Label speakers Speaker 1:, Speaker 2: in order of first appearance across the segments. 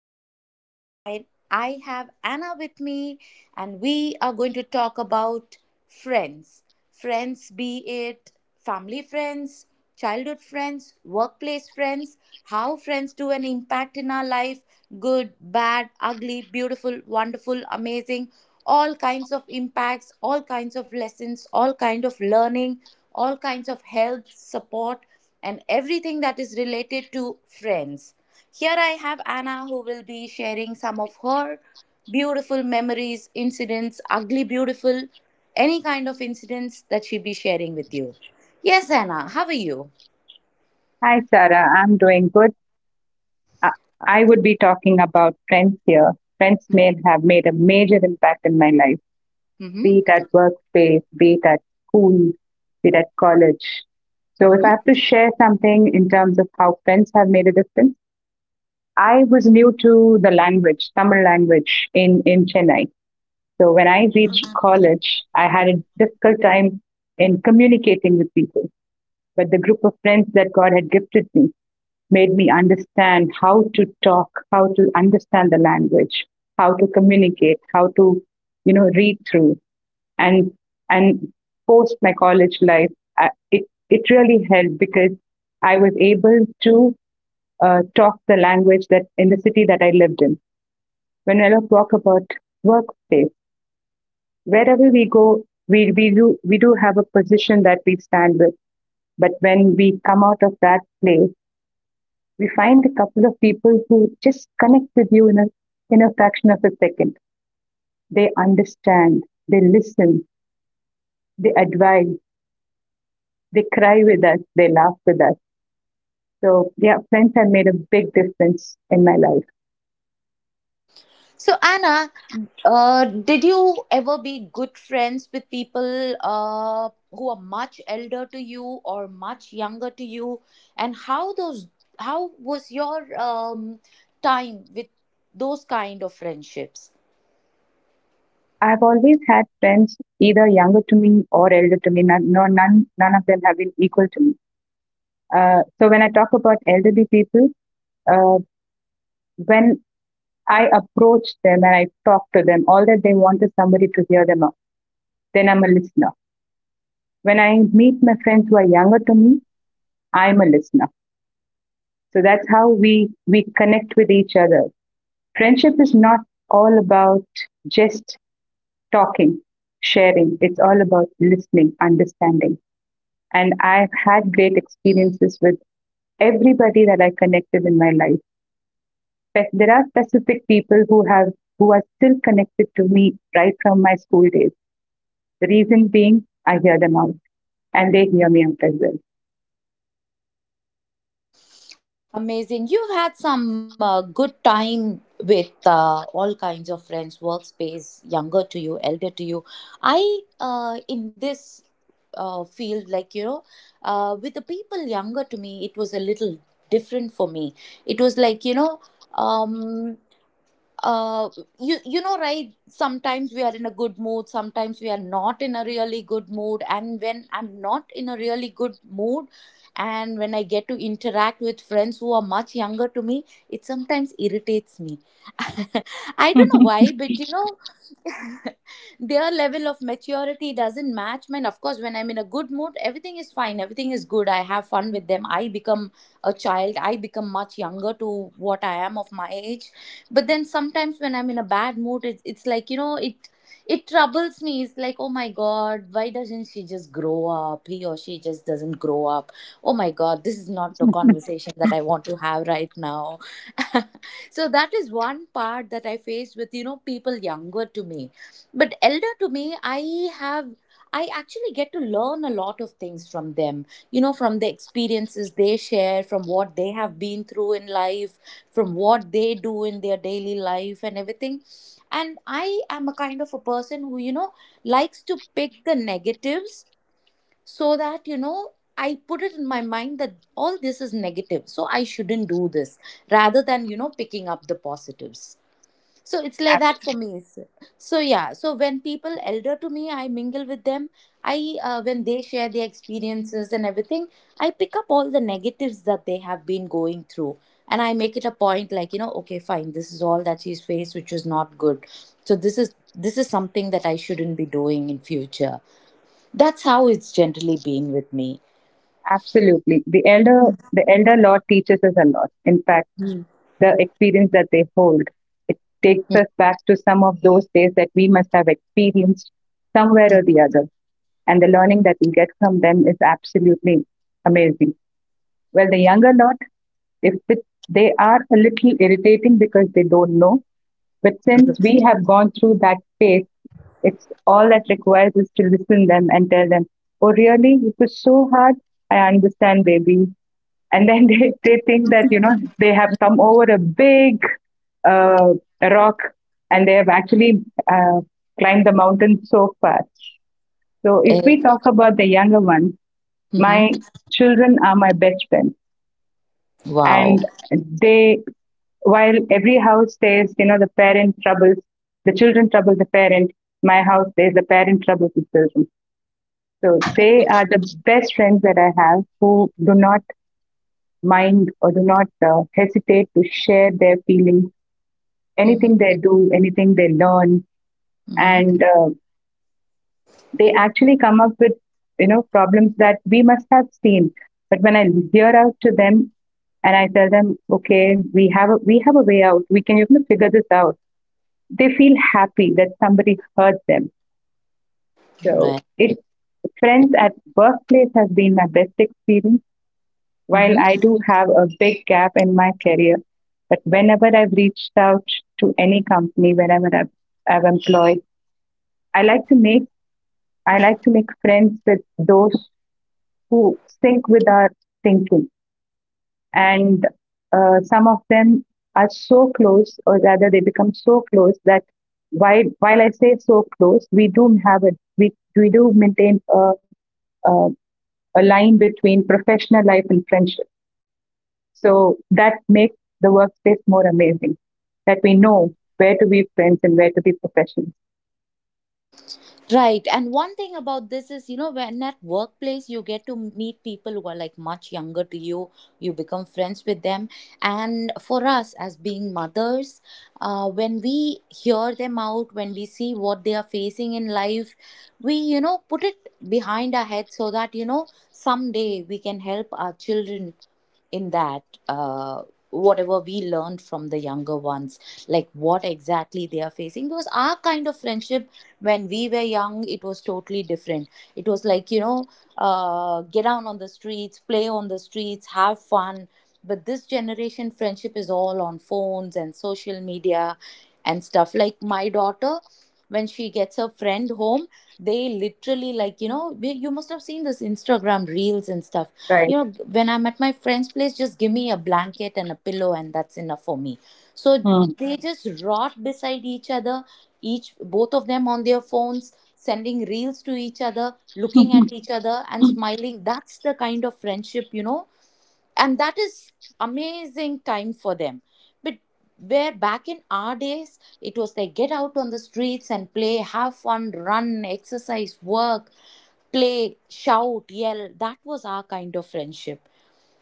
Speaker 1: Sarah, again. I have Anna with me, and we are going to talk about friends. Friends, be it family friends, childhood friends, workplace friends, how friends do an impact in our life, good, bad, ugly, beautiful, wonderful, amazing, all kinds of impacts, all kinds of lessons, all kind of learning, all kinds of help, support and everything that is related to friends. Here I have Anna who will be sharing some of her beautiful memories, incidents, ugly, beautiful, any kind of incidents that she'll be sharing with you. Yes, Anna, how are you?
Speaker 2: Hi, Sarah. I'm doing good. Uh, I would be talking about friends here. Friends may have made a major impact in my life, be
Speaker 1: Mm-hmm.
Speaker 2: it at workspace, be it at school, be it at college. So, if
Speaker 1: Mm-hmm.
Speaker 2: I have to share something in terms of how friends have made a difference, I was new to the language, Tamil language, in Chennai. So, when I reached college, I had a difficult time in communicating with people. But the group of friends that God had gifted me made me understand how to talk, how to understand the language, how to communicate, how to, read through. And and post my college life, it it really helped because I was able to talk the language that in the city that I lived in. When I talk about workplace, wherever we go, we do have a position that we stand with. But when we come out of that place, we find a couple of people who just connect with you in a fraction of a second. They understand, they listen, they advise, they cry with us, they laugh with us. So yeah, friends have made a big difference in my life.
Speaker 1: So, Anna, did you ever be good friends with people who are much elder to you or much younger to you? And how those how was your time with those kind of friendships?
Speaker 2: I've always had friends either younger to me or elder to me. None, no, none, none of them have been equal to me. So when I talk about elderly people, uh, when I approach them and I talk to them, all that they want is somebody to hear them out. Then I'm a listener. When I meet my friends who are younger to me, I'm a listener. So that's how we connect with each other. Friendship is not all about just talking, sharing. It's all about listening, understanding. And I've had great experiences with everybody that I connected in my life. There are specific people who have who are still connected to me right from my school days. The reason being I hear them out and they hear me out as
Speaker 1: Amazing. You've had some good time with all kinds of friends, workspace, younger to you, elder to you. I, in this field, like, you know, with the people younger to me, it was a little different for me. It was like, you know, um, uh you know, right, sometimes we are in a good mood, sometimes we are not in a really good mood, and when I'm not in a really good mood and when I get to interact with friends who are much younger to me, it sometimes irritates me. I
Speaker 2: well.
Speaker 1: don't know why, but you know their level of maturity doesn't match mine. Of course, when I'm in a good mood, everything is fine, everything is good, I have fun with them, I become a child, I become much younger to what I am of my age. But then sometimes when I'm in a bad mood, it's like, you know, it troubles me. It's like, oh my god, why doesn't she just grow up, he or she just doesn't grow up. Oh my god, this is not the conversation that I want to have right now. So that is one part that I faced with, you know, people younger to me. But elder to me, I actually get to learn a lot of things from them. You know, from the experiences they share, from what they have been through in life, from what they do in their daily life and everything. And I am a kind of a person who, you know, likes to pick the negatives so that, you know, I put it in my mind that all this is negative, so I shouldn't do this rather than, you know, picking up the positives. So it's like that for me. So yeah, so when people elder to me, I mingle with them. I When they share their experiences and everything, I pick up all the negatives that they have been going through and I make it a point, like, you know, okay, fine, this is all that she's faced which was not good, so this is something that I shouldn't be doing in future. That's how it's generally been with me.
Speaker 2: Absolutely. The elder law teaches us a lot. In fact, the experience that they hold, it takes us back to some of those days that we must have experienced somewhere or the other. And the learning that we get from them is absolutely amazing. Well, the younger lot, if it, they are a little irritating because they don't know, but since we have gone through that phase, it's all that requires is to listen them and tell them, "Oh, really? It was so hard. I understand, baby," and then they think that you know they have come over a big uh, rock and they have actually uh, climbed the mountain so far. So if
Speaker 1: Eh,
Speaker 2: we talk about the younger ones,
Speaker 1: mhm.
Speaker 2: my children are my best friends,
Speaker 1: Wow.
Speaker 2: and they, while every house says you know the parent troubles the children, trouble the parent, my house says the parent troubles the children. So they are the best friends that I have who do not mind or do not hesitate to share their feelings,
Speaker 1: Hmm.
Speaker 2: anything they do, anything they learn,
Speaker 1: Hmm.
Speaker 2: and they actually come up with you know problems that we must have seen. But when I hear out to them and I tell them, okay, we have a way out. We can you know figure this out. They feel happy that somebody heard them. So
Speaker 1: Right.
Speaker 2: it's friends at workplace has been my best experience. While
Speaker 1: Hmm.
Speaker 2: I do have a big gap in my career, but whenever I've reached out to any company, whenever I've employed, I like to make I like to make friends with those who sync with our thinking, and some of them are so close, or rather, they become so close that while I say so close, we do have a we do maintain a, a line between professional life and friendship. So that makes the workspace more amazing, that we know where to be friends and where to be professionals,
Speaker 1: Right. And one thing about this is, you know, when at workplace you get to meet people who are like much younger to you, you become friends with them. And for us as being mothers, when we hear them out, when we see what they are facing in life, we, you know, put it behind our head so that, you know, someday we can help our children in that uh, whatever we learned from the younger ones, like what exactly they are facing, because our kind of friendship when we were young, it was totally different. It was like, you know, get down on the streets, play on the streets, have fun. But this generation friendship is all on phones and social media and stuff. Like my daughter, when she gets her friend home, they literally, like, you know, you must have seen this Instagram reels and stuff,
Speaker 2: right?
Speaker 1: you know, when I'm at my friend's place, just give me a blanket and a pillow and that's enough for me. So
Speaker 2: Mm.
Speaker 1: they just rot beside each other, each both of them on their phones, sending reels to each other, looking at each other and smiling. That's the kind of friendship, you know, and that is amazing time for them. But where back in our days, it was like get out on the streets and play, have fun, run, exercise, work, play, shout, yell. That was our kind of friendship.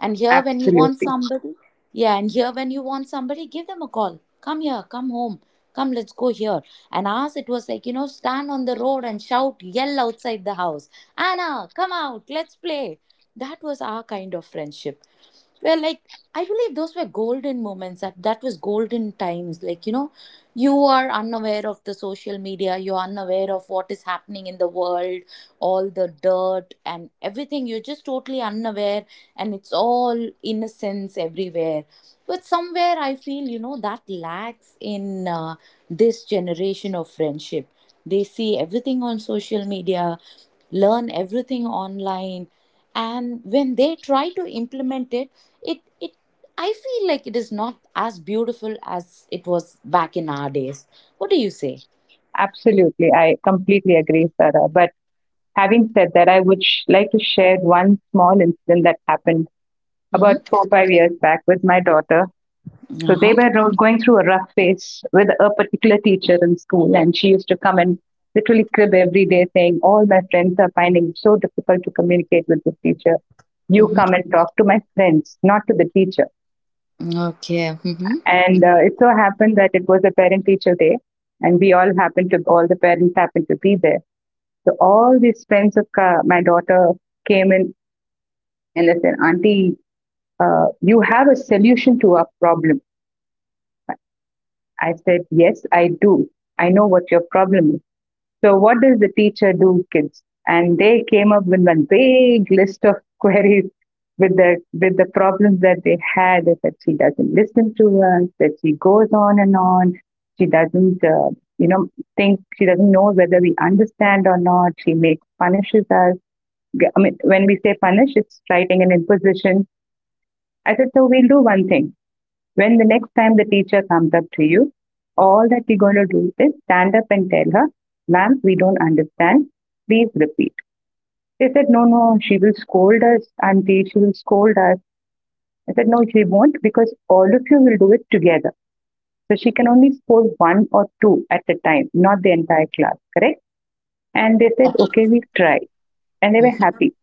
Speaker 1: And here, when you want
Speaker 2: Absolutely.
Speaker 1: somebody, yeah, and here, when you want somebody, give them a call. Come here, come home, come, let's go here. And ours, it was like, you know, stand on the road and shout, yell outside the house, Anna, come out, let's play. That was our kind of friendship. Well, like, I believe those were golden moments. That was golden times. Like, you know, you are unaware of the social media. You're unaware of what is happening in the world, all the dirt and everything. You're just totally unaware, and it's all innocence everywhere. But somewhere I feel, you know, that lacks in this generation of friendship. They see everything on social media, learn everything online, and when they try to implement it, it it I feel like it is not as beautiful as it was back in our days. What do you say?
Speaker 2: Absolutely. I completely agree, Sarah. But having said that, I would like to share one small incident that happened about
Speaker 1: Mm-hmm.
Speaker 2: four, 5 years back with my daughter. So they
Speaker 1: Uh-huh.
Speaker 2: were going through a rough phase with a particular teacher in school, and she used to come and literally crib every day, saying, "All my friends are finding it so difficult to communicate with this teacher. You
Speaker 1: Mm-hmm.
Speaker 2: come and talk to my friends, not to the teacher."
Speaker 1: Okay. Mm-hmm.
Speaker 2: And it so happened that it was a parent-teacher day, and we all happened to all the parents happened to be there. So all these friends of my daughter came in and they said, "Auntie, you have a solution to our problem." I said, "Yes, I do. I know what your problem is. So, what does the teacher do, kids?" And they came up with a big list of queries with the problems that they had, that she doesn't listen to us, that she goes on and on, she doesn't you know think, she doesn't know whether we understand or not. She makes punishes us. I mean, when we say punish, it's writing an imposition. I said, so we'll do one thing. When the next time the teacher comes up to you, all that you're going to do is stand up and tell her, "Ma'am, we don't understand. Please repeat." They said, "No, no, she will scold us, Auntie, she will scold us." I said, "No, she won't because all of you will do it together. So she can only scold one or two at a time, not the entire class, correct?" And they
Speaker 1: Yeah.
Speaker 2: said, "Okay, we will try." And they were
Speaker 1: Mm-hmm.
Speaker 2: happy.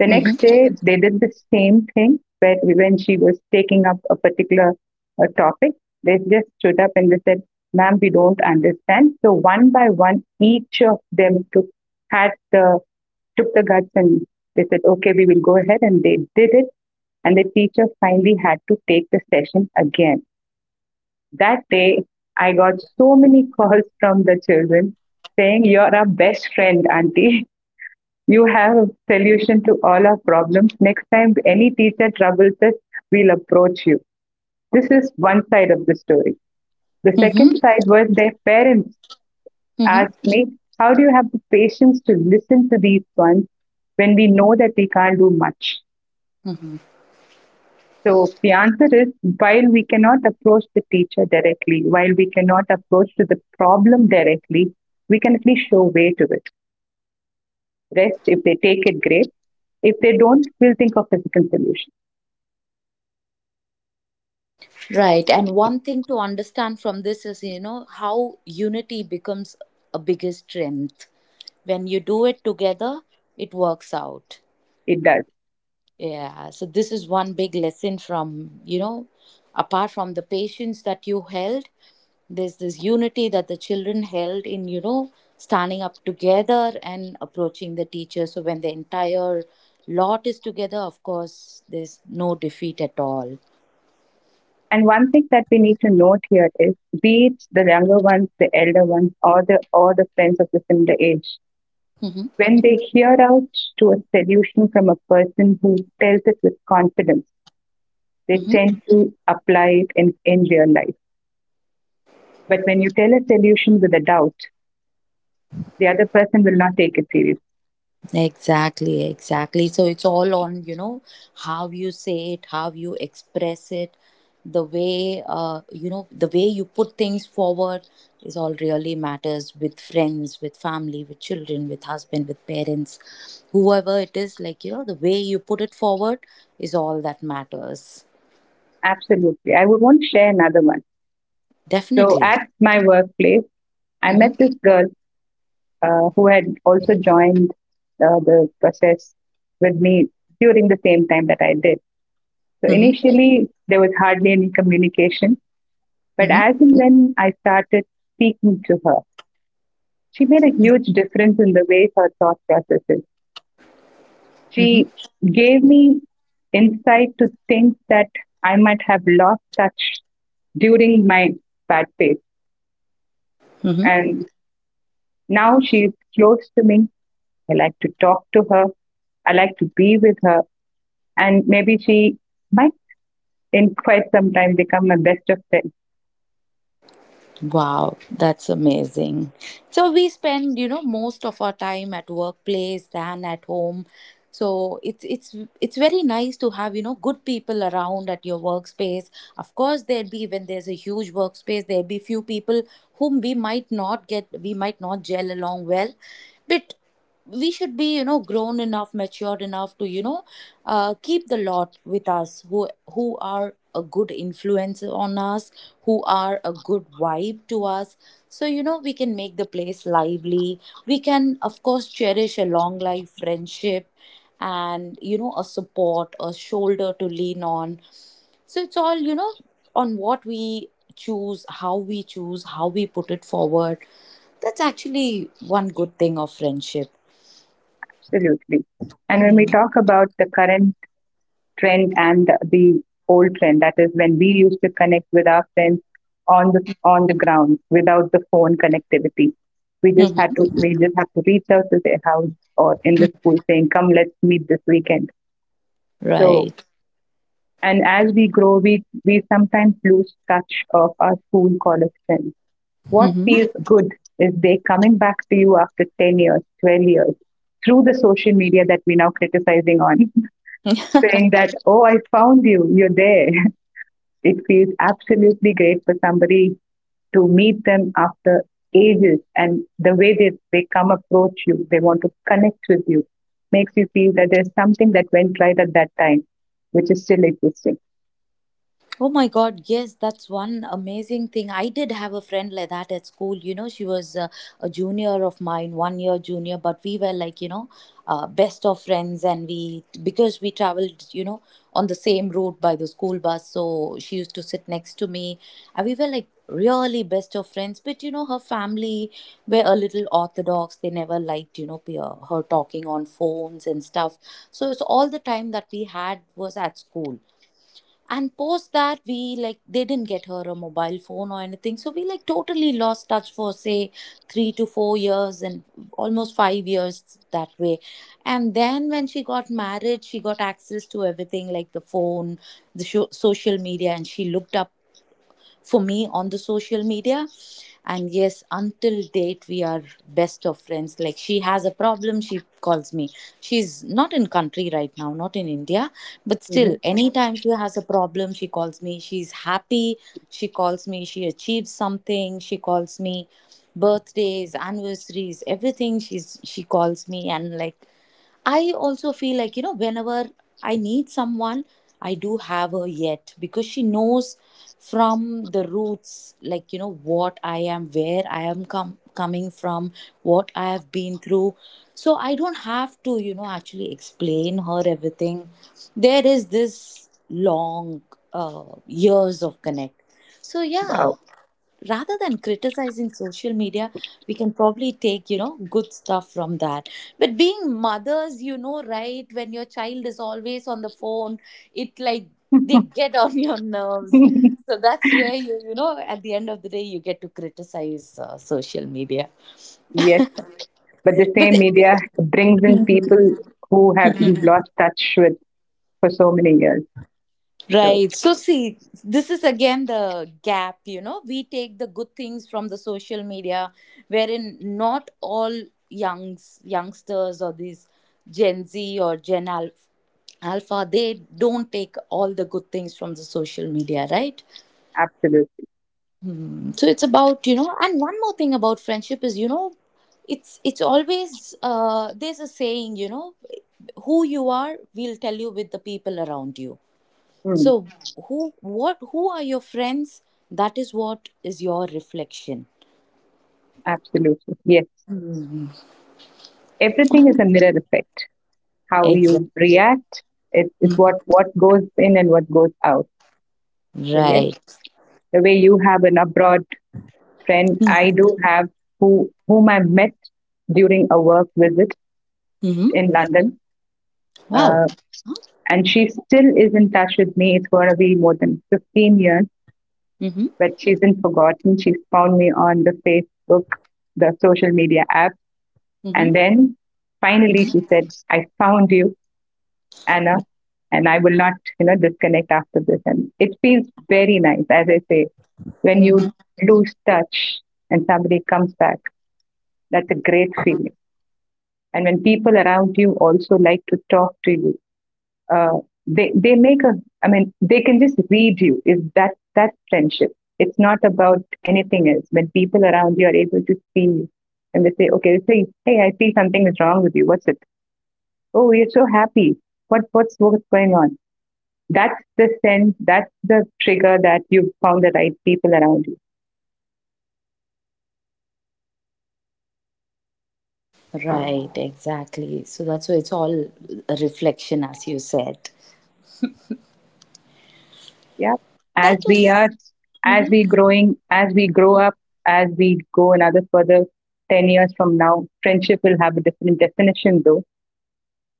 Speaker 2: The next
Speaker 1: Mm-hmm.
Speaker 2: day, they did the same thing, but when she was taking up a particular topic, they just stood up and they said, "Ma'am, we don't understand." So one by one, each of them took, had the, took the guts and they said, okay, we will go ahead. And they did it. And the teacher finally had to take the session again. That day, I got so many calls from the children saying, "You're our best friend, auntie. You have a solution to all our problems. Next time any teacher troubles us, we'll approach you." This is one side of the story. The
Speaker 1: Mm-hmm.
Speaker 2: second side was their parents asked me, "How do you have the patience to listen to these ones when we know that we can't do much?"
Speaker 1: Mm-hmm.
Speaker 2: So the answer is while we cannot approach the teacher directly, while we cannot approach to the problem directly, we can at least show way to it. Rest, if they take it, great. If they don't, we'll think of a second solution.
Speaker 1: Right. And one thing to understand from this is, you know, how unity becomes a biggest strength. When you do it together, it works out.
Speaker 2: It does.
Speaker 1: Yeah, so this is one big lesson from, you know, apart from the patience that you held, there's this unity that the children held in, you know, standing up together and approaching the teacher. So when the entire lot is together, of course there's no defeat at all.
Speaker 2: And one thing that we need to note here is, be it the younger ones, the elder ones, or the friends of the similar age,
Speaker 1: Hmm.
Speaker 2: when they hear out to a solution from a person who tells it with confidence, they tend to apply it in real life. But when you tell a solution with a doubt, the other person will not take it seriously.
Speaker 1: Exactly, exactly. So it's all on, you know, how you say it, how you express it, the way, you know, the way you put things forward is all really matters with friends, with family, with children, with husband, with parents, whoever it is, like, you know, the way you put it forward is all that matters.
Speaker 2: Absolutely. I would want to share another one. So
Speaker 1: Definitely.
Speaker 2: at my workplace, I met
Speaker 1: Mm-hmm.
Speaker 2: this girl who had also joined the process with me during the same time that I did. So
Speaker 1: Mm-hmm.
Speaker 2: initially, there was hardly any communication, but
Speaker 1: Mm-hmm.
Speaker 2: as and when I started speaking to her, she made a huge difference in the way her thought processes.
Speaker 1: Mm-hmm.
Speaker 2: She gave me insight to things that I might have lost touch during my bad phase.
Speaker 1: Mm-hmm.
Speaker 2: And now she's close to me. I like to talk to her. I like to be with her, and maybe she might in quite some time become a best of 10.
Speaker 1: Wow, that's amazing. So we spend, you know, most of our time at workplace than at home. So it's very nice to have, you know, good people around at your workspace. Of course, there'd be when there's a huge workspace, there'd be few people whom we might not get, we might not gel along well. But we should be, you know, grown enough, matured enough to, you know, keep the lot with us who are a good influence on us, who are a good vibe to us. So, you know, we can make the place lively, we can of course cherish a long life friendship, and, you know, a support, a shoulder to lean on. So it's all, you know, on what we choose, how we choose, how we put it forward. That's actually one good thing of friendship.
Speaker 2: Absolutely. And when we talk about the current trend and the old trend, that is when we used to connect with our friends on the ground without the phone connectivity,
Speaker 1: Hmm.
Speaker 2: we just have to reach out to their house or in the school saying come let's meet this weekend. So
Speaker 1: Right.
Speaker 2: and as we grow we sometimes lose touch of our school college friends. What
Speaker 1: Hmm.
Speaker 2: feels good is they coming back to you after 10 years, 12 years through the social media that we're now criticizing on, saying that, oh, I found you, you're there. It feels absolutely great for somebody to meet them after ages, and the way they come approach you, they want to connect with you, makes you feel that there's something that went right at that time, which is still existing.
Speaker 1: Oh my God, yes, that's one amazing thing. I did have a friend like that at school. You know, she was a junior of mine, 1 year junior, but we were like, you know, best of friends. And we, because we traveled, you know, on the same route by the school bus, so she used to sit next to me. And we were like really best of friends. But, you know, her family were a little orthodox. They never liked, you know, her talking on phones and stuff. So it's all the time that we had was at school, and post that, we like, they didn't get her a mobile phone or anything, so we like totally lost touch for say 3 to 4 years, and almost 5 years that way. And then when she got married, she got access to everything like the phone, the sho social media, and she looked up for me on the social media. And yes, until date, we are best of friends. Like, she has a problem, she calls me. She's not in country right now, not in India, but still,
Speaker 2: Mhm.
Speaker 1: anytime she has a problem, she calls me, she's happy, she calls me, she achieves something, she calls me, birthdays, anniversaries, everything, she calls me. And like, I also feel like, you know, whenever I need someone, I do have her yet, because she knows from the roots, like, you know, what I am, where I am coming from, what I have been through. So I don't have to, you know, actually explain her everything. There is this long years of connect. So, yeah,
Speaker 2: Wow.
Speaker 1: rather than criticizing social media, we can probably take, you know, good stuff from that. But being mothers, you know, right, when your child is always on the phone, it like, they get on your nerves. So that's where you know, at the end of the day, you get to criticize social media.
Speaker 2: Yes, but the
Speaker 1: But
Speaker 2: same media brings in people who have you've lost touch with for so many years. So
Speaker 1: Right. So, see, this is again the gap, you know. We take the good things from the social media, wherein not all youngsters or these Gen Z or Alpha, they don't take all the good things from the social media, right?
Speaker 2: absolutely,
Speaker 1: So it's about, you know, and one more thing about friendship is, you know, it's always there's a saying, you know, who you are, we'll tell you with the people around you.
Speaker 2: mm,
Speaker 1: So who are your friends? That is what is your reflection.
Speaker 2: absolutely, yes. Everything is a mirror effect. How
Speaker 1: Exactly.
Speaker 2: you react is what goes in and what goes out. So yes,
Speaker 1: Right.
Speaker 2: the way you have an abroad friend, I do have who whom I met during a work visit
Speaker 1: Mm-hmm.
Speaker 2: in London,
Speaker 1: Wow.
Speaker 2: uh, and she still is in touch with me. It's going to be more than 15 years,
Speaker 1: Mm-hmm.
Speaker 2: but she's been forgotten. She's found me on the Facebook, the social media app.
Speaker 1: Mm-hmm.
Speaker 2: And then finally she said, "I found you, Anna, and I will not, you know, disconnect after this." And it feels very nice, as I say, when you
Speaker 1: Mm-hmm.
Speaker 2: lose touch and somebody comes back. That's a great feeling. And when people around you also like to talk to you uh, they make a I mean they can just read you, is that that friendship. It's not about anything else. When people around you are able to see you and they say okay, they say, "Hey, I see something is wrong with you, what's it? Oh, you're so happy, what what's going on?" That's the sense, that's the trigger that you found the right people around you.
Speaker 1: Right, exactly. So that's why it's all a reflection, as you said.
Speaker 2: Yeah,
Speaker 1: That
Speaker 2: as we are
Speaker 1: is
Speaker 2: as we grow up, as we go another further 10 years from now, friendship will have a different definition though,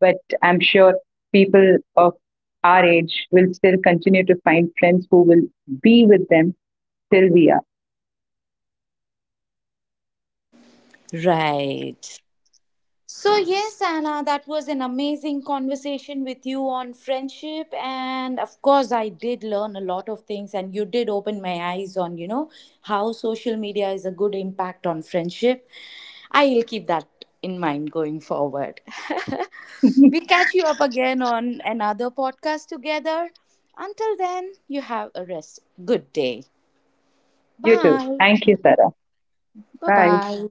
Speaker 2: but I'm sure people of our age will still continue to find friends who will be with them till we are.
Speaker 1: right. So, yes, Anna, that was an amazing conversation with you on friendship. And of course, I did learn a lot of things, and you did open my eyes on, you know, how social media is a good impact on friendship. I will keep that in mind going forward.
Speaker 2: You
Speaker 1: We catch you up again on another podcast together. Until then, you have a rest. Good day.
Speaker 2: too.
Speaker 1: Bye.
Speaker 2: Thank you, Sarah.
Speaker 1: Bye
Speaker 2: Bye.
Speaker 1: bye.